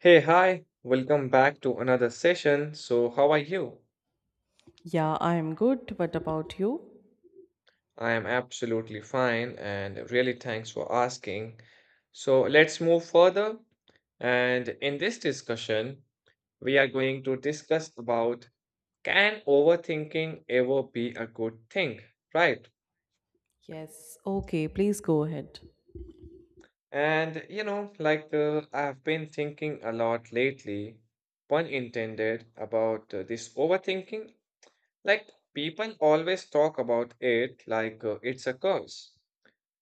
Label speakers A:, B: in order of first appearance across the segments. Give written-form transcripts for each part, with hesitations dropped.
A: Hey, hi, welcome back to another session. So, how are you?
B: Yeah, I'm good. What about you?
A: I am absolutely fine and really thanks for asking. So, let's move further. And in this discussion, we are going to discuss about can overthinking ever be a good thing, right?
B: Yes. Okay, please go ahead.
A: And you know, I've been thinking a lot lately, pun intended, about this overthinking. People always talk about it it's a curse,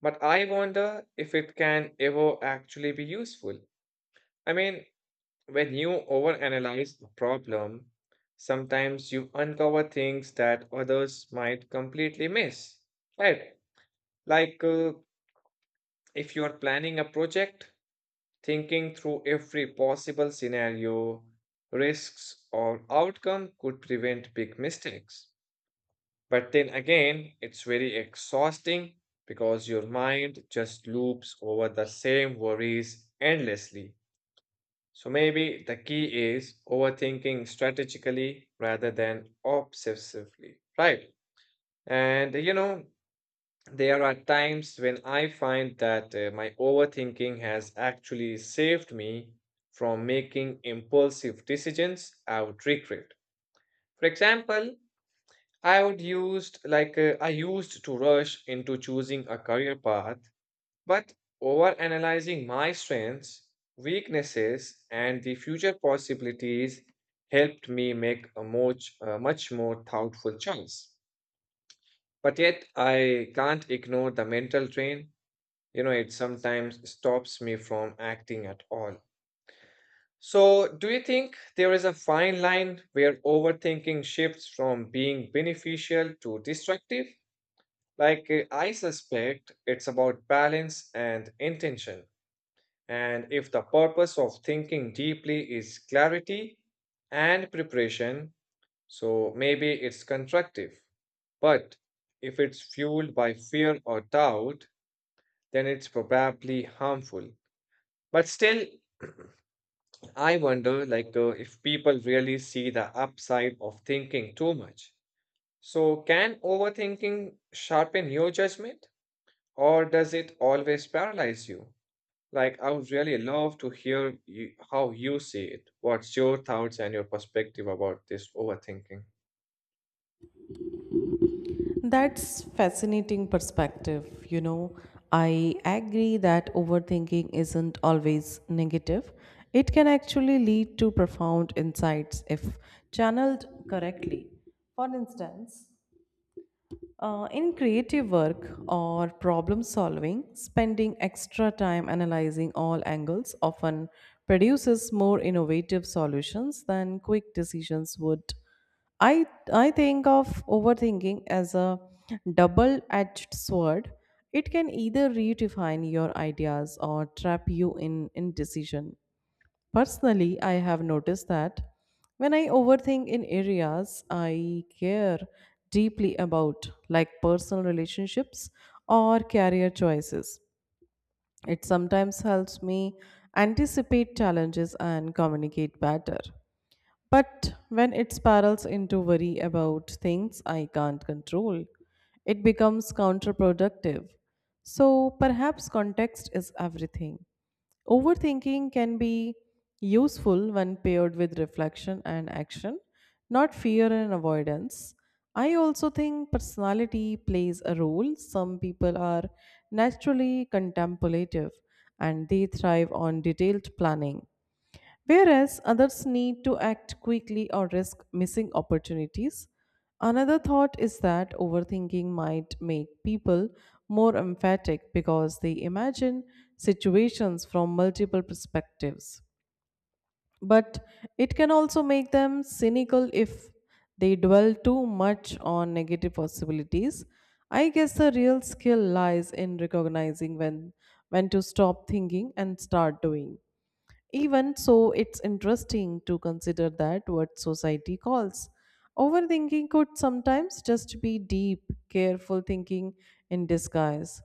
A: but I wonder if it can ever actually be useful. I mean, when you overanalyze a problem, sometimes you uncover things that others might completely miss, right? Like, uh, if you are planning a project, thinking through every possible scenario, risks, or outcome could prevent big mistakes. But then again, it's very exhausting because your mind just loops over the same worries endlessly. So maybe the key is overthinking strategically rather than obsessively, right? And you know, there are times when I find that my overthinking has actually saved me from making impulsive decisions I would regret. For example, I used to rush into choosing a career path, but over analyzing my strengths, weaknesses, and the future possibilities helped me make a much more thoughtful choice. But yet, I can't ignore the mental drain. You know, it sometimes stops me from acting at all. So, do you think there is a fine line where overthinking shifts from being beneficial to destructive? I suspect it's about balance and intention. And if the purpose of thinking deeply is clarity and preparation, so maybe it's constructive. But if it's fueled by fear or doubt, then it's probably harmful. But still, I wonder, if people really see the upside of thinking too much. So, can overthinking sharpen your judgment, or does it always paralyze you? Like, I would really love to hear you, how you see it. What's your thoughts and your perspective about this overthinking?
B: That's fascinating perspective. You know, I agree that overthinking isn't always negative. It can actually lead to profound insights if channeled correctly. For instance, in creative work or problem solving, spending extra time analyzing all angles often produces more innovative solutions than quick decisions would. I, I think of overthinking as a double edged sword. It can either redefine your ideas or trap you in indecision. Personally, I have noticed that when I overthink in areas I care deeply about, like personal relationships or career choices, it sometimes helps me anticipate challenges and communicate better. But when it spirals into worry about things I can't control, it becomes counterproductive. So perhaps context is everything. Overthinking can be useful when paired with reflection and action, not fear and avoidance. I also think personality plays a role. Some people are naturally contemplative and they thrive on detailed planning, whereas others need to act quickly or risk missing opportunities. Another thought is that overthinking might make people more emphatic because they imagine situations from multiple perspectives. But it can also make them cynical if they dwell too much on negative possibilities. I guess the real skill lies in recognizing when to stop thinking and start doing. Even so, it's interesting to consider that what society calls overthinking could sometimes just be deep, careful thinking in disguise.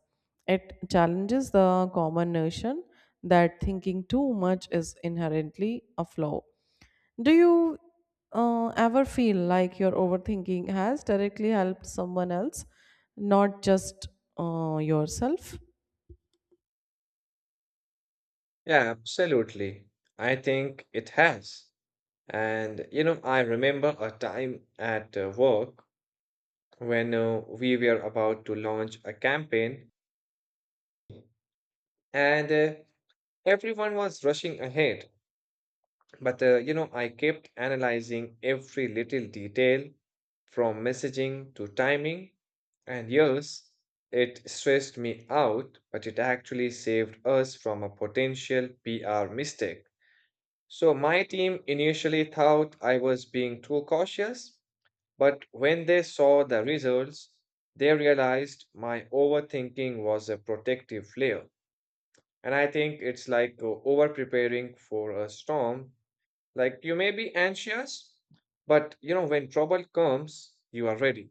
B: It challenges the common notion that thinking too much is inherently a flaw. Do you ever feel like your overthinking has directly helped someone else, not just yourself?
A: Yeah, absolutely. I think it has. And, you know, I remember a time at work when we were about to launch a campaign and everyone was rushing ahead. But you know, I kept analyzing every little detail from messaging to timing. And yes, it stressed me out, but it actually saved us from a potential PR mistake. So my team initially thought I was being too cautious, but when they saw the results, they realized my overthinking was a protective layer. And I think it's like over preparing for a storm like you may be anxious, but you know, when trouble comes, you are ready.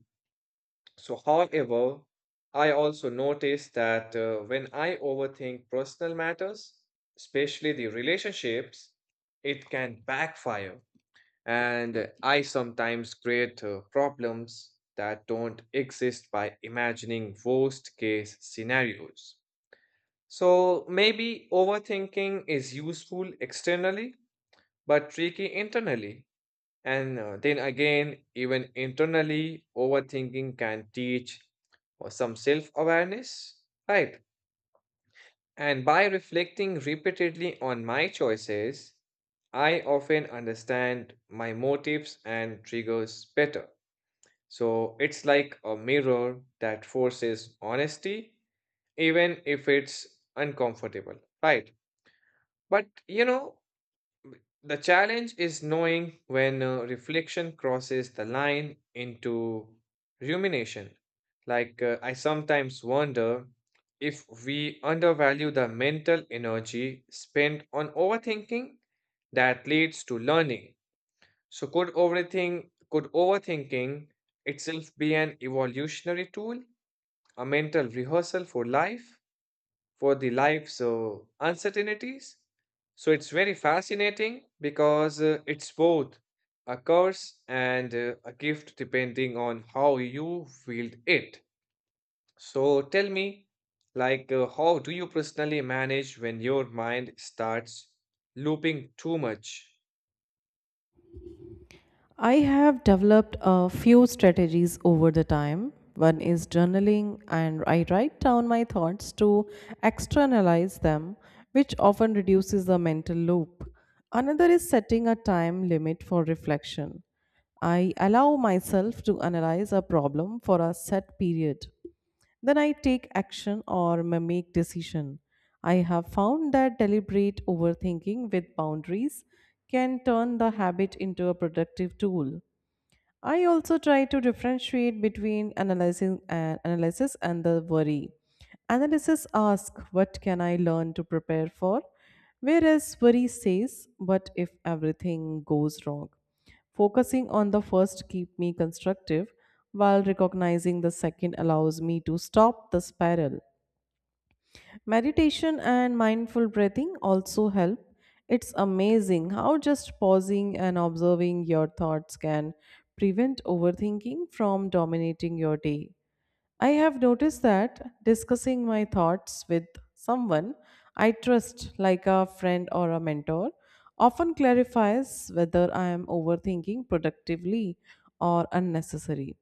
A: So, however, I also notice that when I overthink personal matters, especially the relationships, it can backfire. And I sometimes create problems that don't exist by imagining worst case scenarios. So maybe overthinking is useful externally, but tricky internally. And then again, even internally, overthinking can teach some self awareness, right? And by reflecting repeatedly on my choices, I often understand my motives and triggers better. So it's like a mirror that forces honesty, even if it's uncomfortable, right? But you know, the challenge is knowing when reflection crosses the line into rumination. I sometimes wonder if we undervalue the mental energy spent on overthinking that leads to learning. So, could overthinking itself be an evolutionary tool, a mental rehearsal for life? For the life's uncertainties. So it's very fascinating because it's both a curse and a gift depending on how you wield it. So tell me, how do you personally manage when your mind starts looping too much?
B: I have developed a few strategies over the time. One is journaling, and I write down my thoughts to externalize them, which often reduces the mental loop. Another is setting a time limit for reflection. I allow myself to analyze a problem for a set period, then I take action or may make decision. I have found that deliberate overthinking with boundaries can turn the habit into a productive tool. I also try to differentiate between analyzing and analysis and the worry. Analysis asks, what can I learn to prepare for? Whereas worry says, what if everything goes wrong? Focusing on the first keep me constructive, while recognizing the second allows me to stop the spiral. Meditation and mindful breathing also help. It's amazing how just pausing and observing your thoughts can prevent overthinking from dominating your day. I have noticed that discussing my thoughts with someone I trust, like a friend or a mentor, often clarifies whether I am overthinking productively or unnecessary.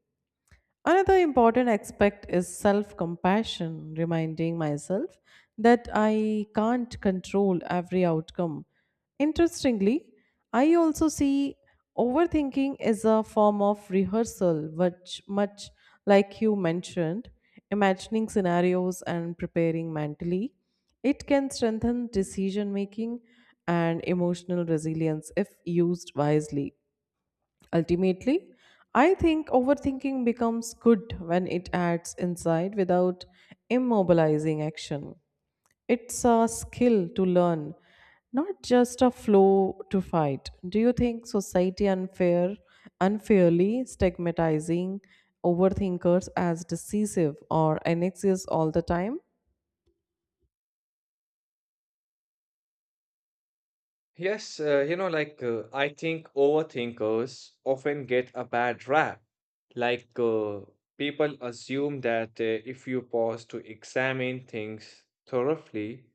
B: Another important aspect is self compassion, reminding myself that I can't control every outcome. Interestingly, I also see overthinking as a form of rehearsal, which, much like you mentioned, imagining scenarios and preparing mentally, it can strengthen decision making and emotional resilience if used wisely. Ultimately, I think overthinking becomes good when it acts inside without immobilizing action. It's a skill to learn, not just a flow to fight. Do you think society unfairly stigmatizing overthinkers as decisive or anxious all the time?
A: Yes, you know, I think overthinkers often get a bad rap. Like uh, people assume that if you pause to examine things thoroughly,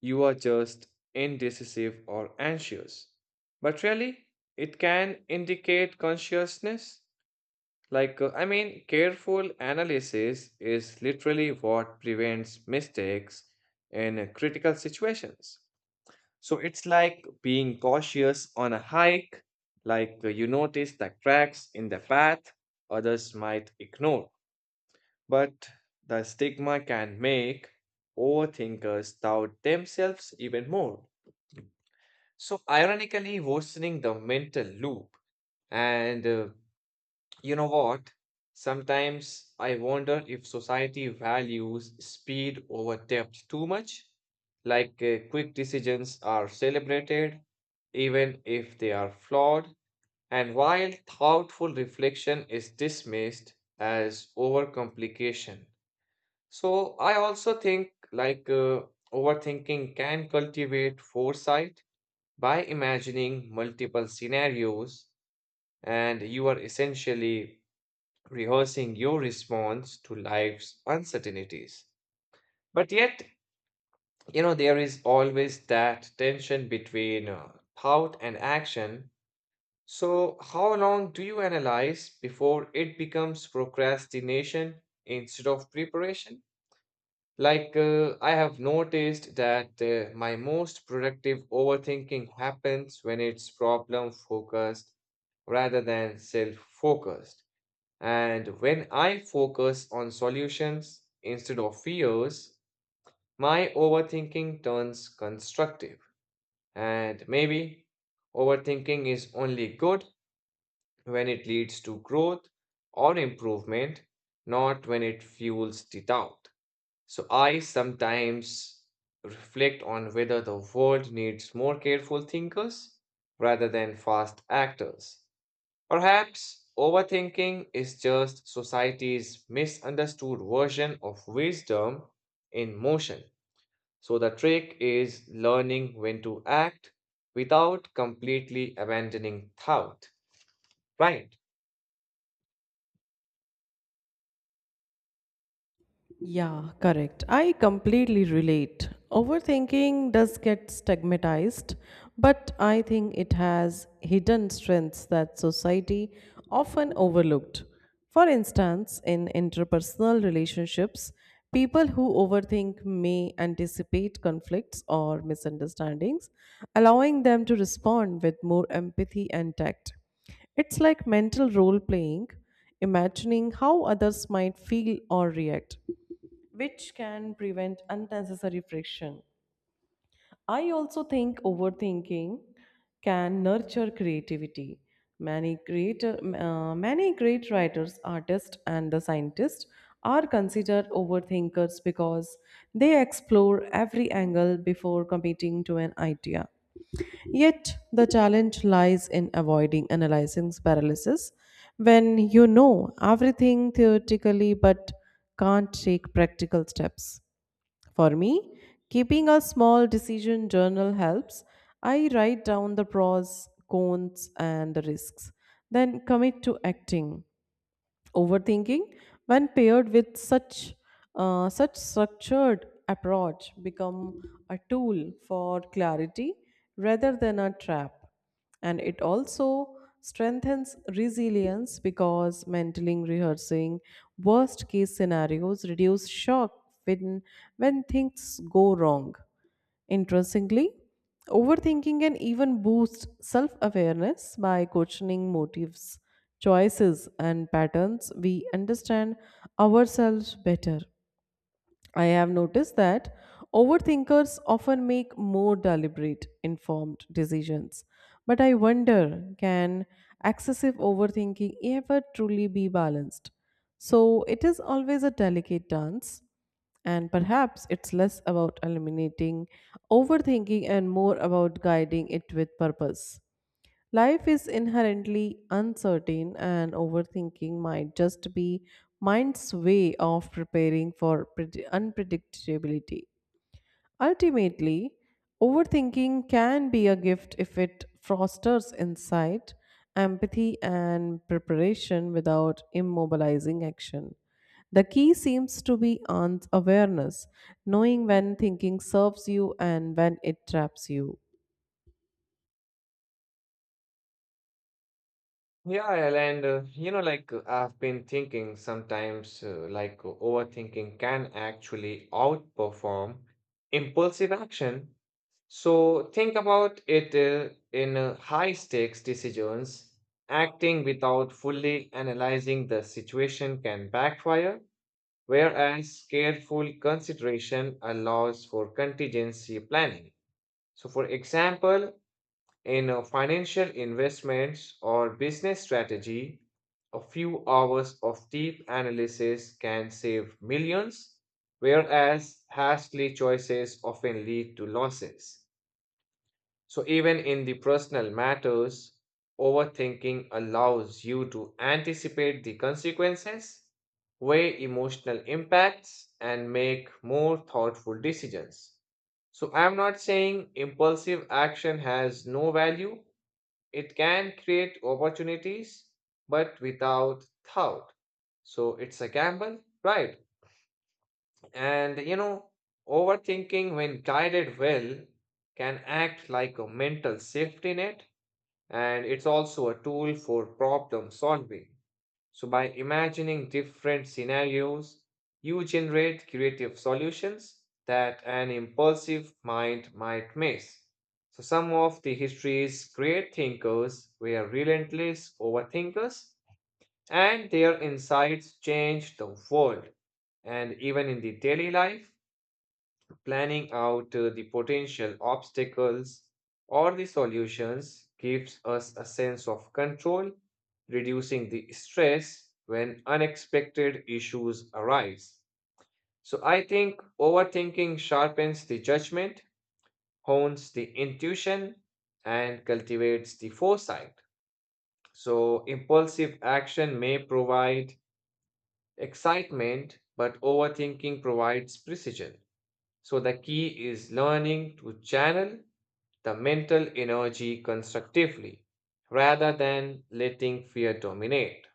A: you are just indecisive or anxious. But really, it can indicate consciousness. I mean, careful analysis is literally what prevents mistakes in critical situations. So it's like being cautious on a hike, you notice the cracks in the path others might ignore. But the stigma can make overthinkers doubt themselves even more. So, ironically, worsening the mental loop. And you know what? Sometimes I wonder if society values speed over depth too much. Quick decisions are celebrated, even if they are flawed, and while thoughtful reflection is dismissed as overcomplication. So I also think overthinking can cultivate foresight by imagining multiple scenarios, and you are essentially rehearsing your response to life's uncertainties. But yet, you know, there is always that tension between thought and action. So, how long do you analyze before it becomes procrastination instead of preparation? I have noticed that my most productive overthinking happens when it's problem focused rather than self focused. And when I focus on solutions instead of fears, my overthinking turns constructive. And maybe overthinking is only good when it leads to growth or improvement, not when it fuels the doubt. So I sometimes reflect on whether the world needs more careful thinkers rather than fast actors. Perhaps overthinking is just society's misunderstood version of wisdom in motion. So the trick is learning when to act without completely abandoning thought. Right.
B: Yeah, correct. I completely relate. Overthinking does get stigmatized, but I think it has hidden strengths that society often overlooked. For instance, in interpersonal relationships, people who overthink may anticipate conflicts or misunderstandings, allowing them to respond with more empathy and tact. It's like mental role playing, imagining how others might feel or react, which can prevent unnecessary friction. I also think overthinking can nurture creativity. Many great writers, artists, and the scientists are considered overthinkers because they explore every angle before committing to an idea. Yet the challenge lies in avoiding analyzing paralysis when you know everything theoretically but can't take practical steps. For me, keeping a small decision journal helps. I write down the pros, cons, and the risks, then commit to acting. Overthinking, when paired with such structured approach, become a tool for clarity rather than a trap, and it also strengthens resilience because mentally rehearsing worst case scenarios reduce shock when when things go wrong. Interestingly, overthinking can even boost self awareness by questioning motives, choices, and patterns. We understand ourselves better. I have noticed that overthinkers often make more deliberate, informed decisions. But I wonder, can excessive overthinking ever truly be balanced? So it is always a delicate dance, and perhaps it's less about eliminating overthinking and more about guiding it with purpose. Life is inherently uncertain, and overthinking might just be mind's way of preparing for unpredictability. Ultimately, overthinking can be a gift if it fosters insight, empathy, and preparation without immobilizing action. The key seems to be on awareness, knowing when thinking serves you and when it traps you.
A: Yeah, and you know, I've been thinking sometimes, overthinking can actually outperform impulsive action. So think about it in high stakes decisions. Acting without fully analyzing the situation can backfire, whereas careful consideration allows for contingency planning. So, for example, in financial investments or business strategy, a few hours of deep analysis can save millions, whereas hastily choices often lead to losses. So, even in the personal matters, overthinking allows you to anticipate the consequences, weigh emotional impacts, and make more thoughtful decisions. So, I'm not saying impulsive action has no value, it can create opportunities, but without thought. So, it's a gamble, right? And you know, overthinking, when guided well, can act like a mental safety net, and it's also a tool for problem solving. So, by imagining different scenarios, you generate creative solutions that an impulsive mind might miss. So, some of the history's great thinkers were relentless overthinkers, and their insights changed the world. And even in the daily life, planning out the potential obstacles or the solutions gives us a sense of control, reducing the stress when unexpected issues arise. So, I think overthinking sharpens the judgment, hones the intuition, and cultivates the foresight. So, impulsive action may provide excitement, but overthinking provides precision. So, the key is learning to channel the mental energy constructively rather than letting fear dominate.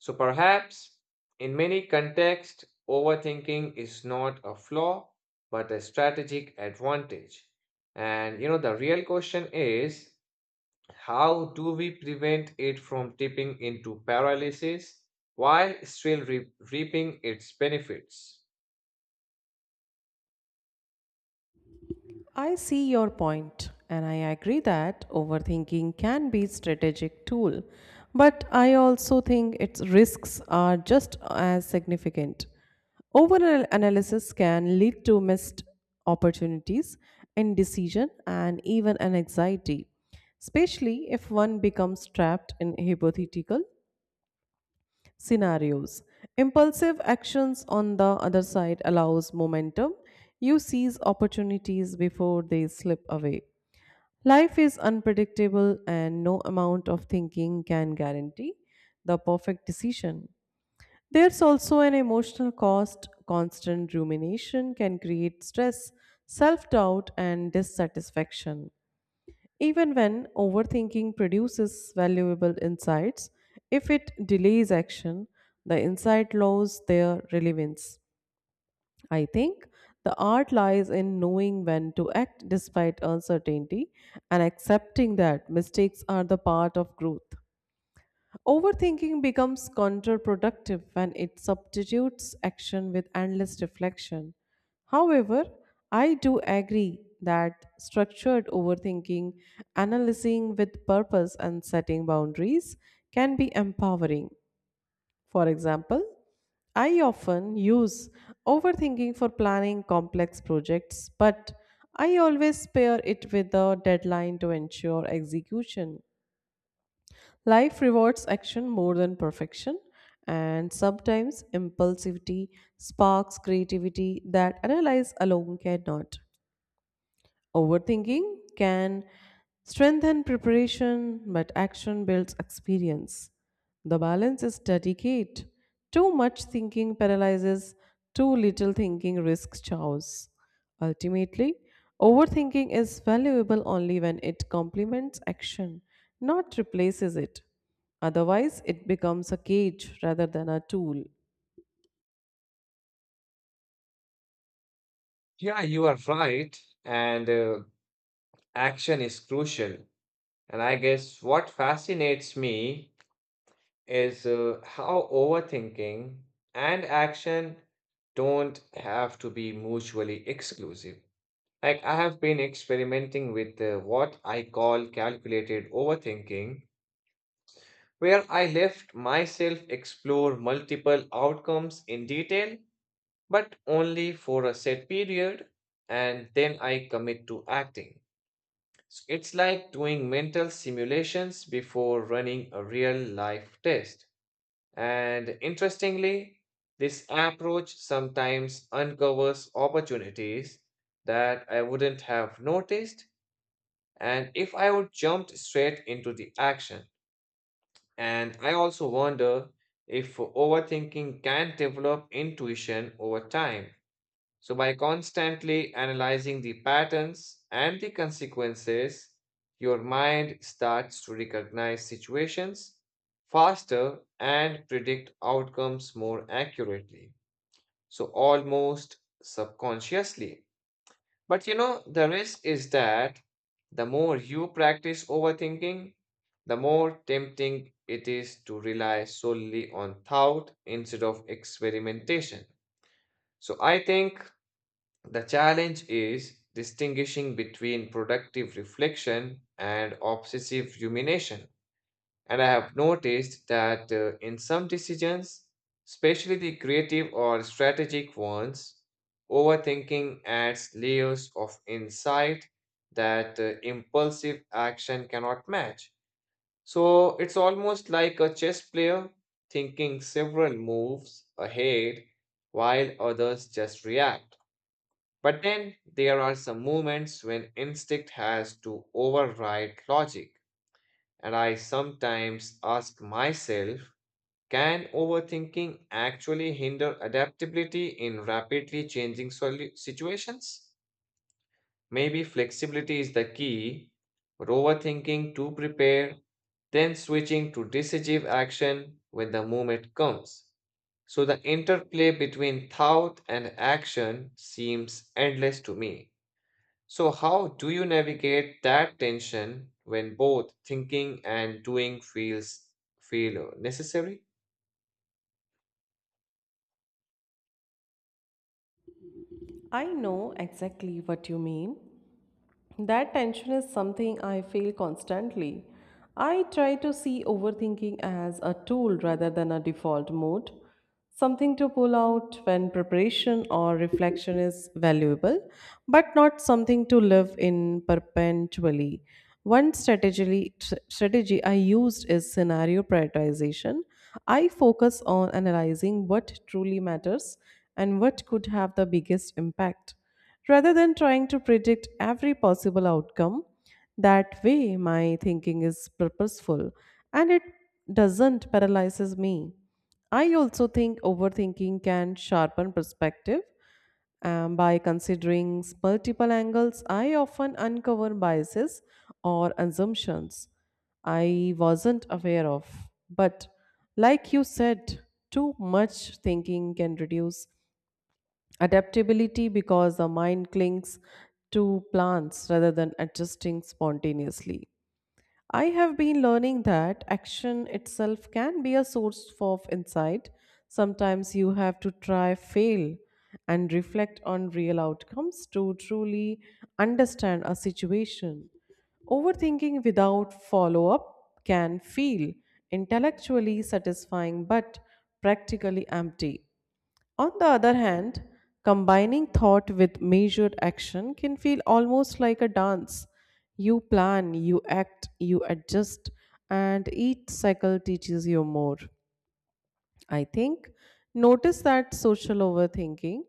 A: So perhaps in many contexts, overthinking is not a flaw but a strategic advantage. And you know, the real question is how do we prevent it from tipping into paralysis while still reaping its benefits?
B: I see your point, and I agree that overthinking can be a strategic tool, but I also think its risks are just as significant. Overanalysis can lead to missed opportunities, indecision, and even an anxiety, especially if one becomes trapped in hypothetical scenarios. Impulsive actions on the other side allows momentum. You seize opportunities before they slip away. Life is unpredictable, and no amount of thinking can guarantee the perfect decision. There's also an emotional cost. Constant rumination can create stress, self-doubt and dissatisfaction. Even when overthinking produces valuable insights, if it delays action, the insight loses their relevance. I think the art lies in knowing when to act despite uncertainty and accepting that mistakes are the part of growth. Overthinking becomes counterproductive when it substitutes action with endless reflection. However, I do agree that structured overthinking, analyzing with purpose, and setting boundaries can be empowering. For example, I often use overthinking for planning complex projects, but I always pair it with a deadline to ensure execution. Life rewards action more than perfection, and sometimes impulsivity sparks creativity that analyze alone cannot. Overthinking can strengthen preparation, but action builds experience. The balance is delicate. Too much thinking paralyzes, too little thinking risks chaos. Ultimately, overthinking is valuable only when it complements action, not replaces it. Otherwise, it becomes a cage rather than a tool.
A: Yeah, you are right. And action is crucial. And I guess what fascinates me is how overthinking and action don't have to be mutually exclusive. Like, I have been experimenting with what I call calculated overthinking, where I left myself explore multiple outcomes in detail, but only for a set period, and then I commit to acting. It's like doing mental simulations before running a real life test. And interestingly, this approach sometimes uncovers opportunities that I wouldn't have noticed and if I would jumped straight into the action. And I also wonder if overthinking can develop intuition over time so, by constantly analyzing the patterns and the consequences, your mind starts to recognize situations faster and predict outcomes more accurately. So, almost subconsciously. But you know, the risk is that the more you practice overthinking, the more tempting it is to rely solely on thought instead of experimentation. So, I think the challenge is distinguishing between productive reflection and obsessive rumination. And I have noticed that in some decisions, especially the creative or strategic ones, overthinking adds layers of insight that impulsive action cannot match. So it's almost like a chess player thinking several moves ahead while others just react. But then there are some moments when instinct has to override logic, and I sometimes ask myself can overthinking actually hinder adaptability in rapidly changing situations? Maybe flexibility is the key, but overthinking to prepare, then switching to decisive action when the moment comes. So the interplay between thought and action seems endless to me. So, how do you navigate that tension when both thinking and doing feel necessary?
B: I know exactly what you mean. That tension is something I feel constantly. I try to see overthinking as a tool rather than a default mode, something to pull out when preparation or reflection is valuable, but not something to live in perpetually. One strategy I used is scenario prioritization. I focus on analyzing what truly matters and what could have the biggest impact rather than trying to predict every possible outcome. That way, my thinking is purposeful and it doesn't paralyzes me. I also think overthinking can sharpen perspective. By considering multiple angles, I often uncover biases or assumptions I wasn't aware of. But like you said, too much thinking can reduce adaptability because the mind clings to plans rather than adjusting spontaneously. I have been learning that action itself can be a source of insight. Sometimes you have to try, fail, and reflect on real outcomes to truly understand a situation. Overthinking without follow up can feel intellectually satisfying but practically empty. On the other hand, combining thought with measured action can feel almost like a dance. You plan, you act, you adjust, and each cycle teaches you more. I think notice that social overthinking,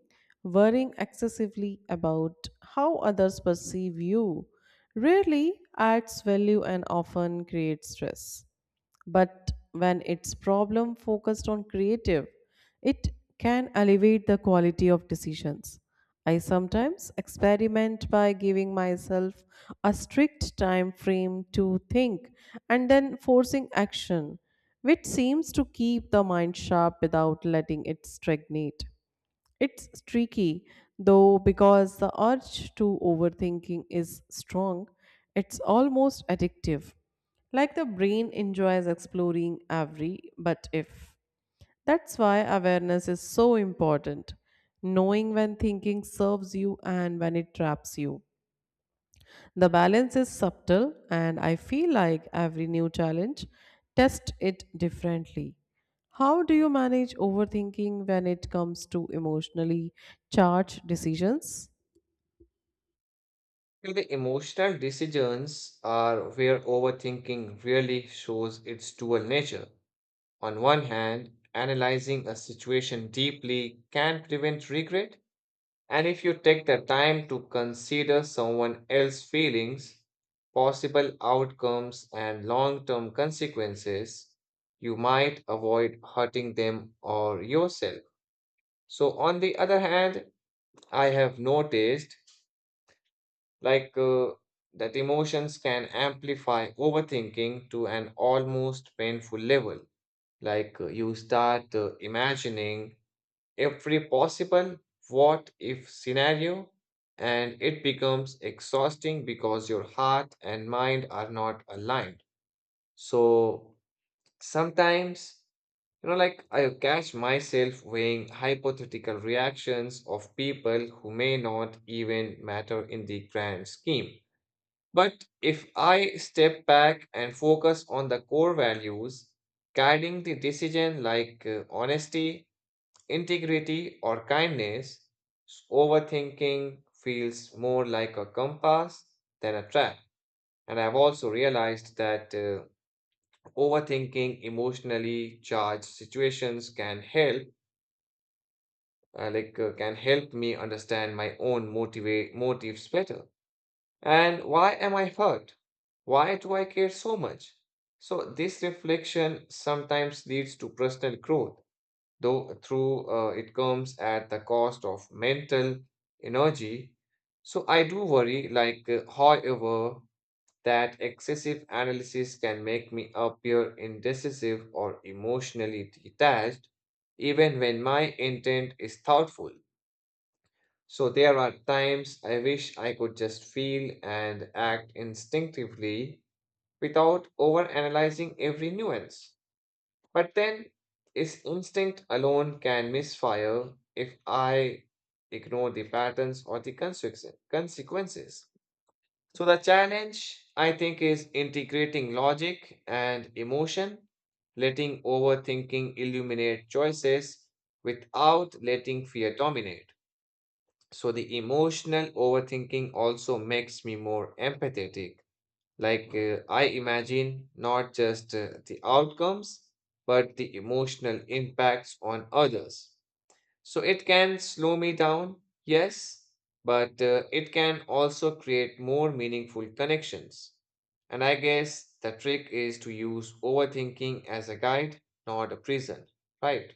B: worrying excessively about how others perceive you, rarely adds value and often creates stress. But when it's problem focused on creative, it can elevate the quality of decisions. I sometimes experiment by giving myself a strict time frame to think and then forcing action, which seems to keep the mind sharp without letting it stagnate. It's tricky though because the urge to overthinking is strong. It's almost addictive. Like the brain enjoys exploring every but if. That's why awareness is so important. Knowing when thinking serves you and when it traps you. The balance is subtle, and I feel like every new challenge tests it differently. How do you manage overthinking when it comes to emotionally charged decisions?
A: And the emotional decisions are where overthinking really shows its dual nature. On one hand, analyzing a situation deeply can prevent regret, and if you take the time to consider someone else's feelings, possible outcomes, and long term consequences, you might avoid hurting them or yourself. So, on the other hand, I have noticed like uh, that emotions can amplify overthinking to an almost painful level. You start imagining every possible what if scenario, and it becomes exhausting because your heart and mind are not aligned. So sometimes, you know, like I catch myself weighing hypothetical reactions of people who may not even matter in the grand scheme. But if I step back and focus on the core values guiding the decision, honesty integrity, or kindness, overthinking feels more like a compass than a trap. And I've also realized that overthinking emotionally charged situations can help, can help me understand my own motivate motives better. And why am I hurt? Why do I care so much? So this reflection sometimes leads to personal growth though through it comes at the cost of mental energy. So I do worry, however, that excessive analysis can make me appear indecisive or emotionally detached, even when my intent is thoughtful. So there are times I wish I could just feel and act instinctively without overanalyzing every nuance. But then, is instinct alone can misfire if I ignore the patterns or the consequences. So, the challenge I think is integrating logic and emotion, letting overthinking illuminate choices without letting fear dominate. So, the emotional overthinking also makes me more empathetic I imagine not just the outcomes, but the emotional impacts on others. So it can slow me down, yes, but it can also create more meaningful connections. And I guess the trick is to use overthinking as a guide, not a prison. Right.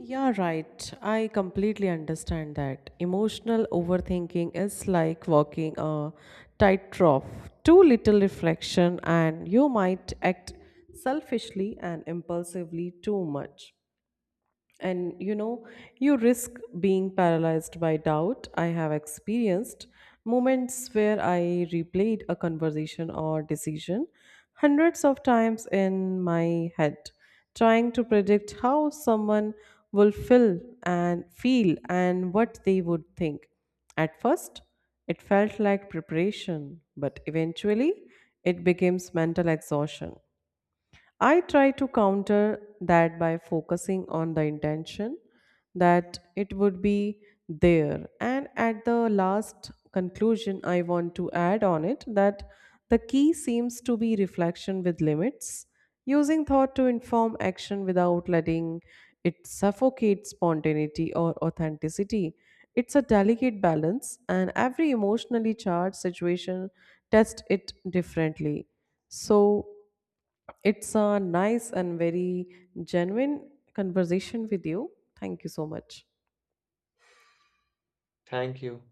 B: Yeah, right. I completely understand that. Emotional overthinking is like walking a tightrope. Too little reflection, and you might act selfishly and impulsively too much. And you know, you risk being paralyzed by doubt. I have experienced moments where I replayed a conversation or decision hundreds of times in my head, trying to predict how someone will feel and what they would think. At first, it felt like preparation, but eventually it becomes mental exhaustion. I try to counter that by focusing on the intention that it would be there. And at the last conclusion, I want to add on it that the key seems to be reflection with limits, using thought to inform action without letting it suffocate spontaneity or authenticity. It's a delicate balance, and every emotionally charged situation tests it differently. So, it's a nice and very genuine conversation with you. Thank you so much.
A: Thank you.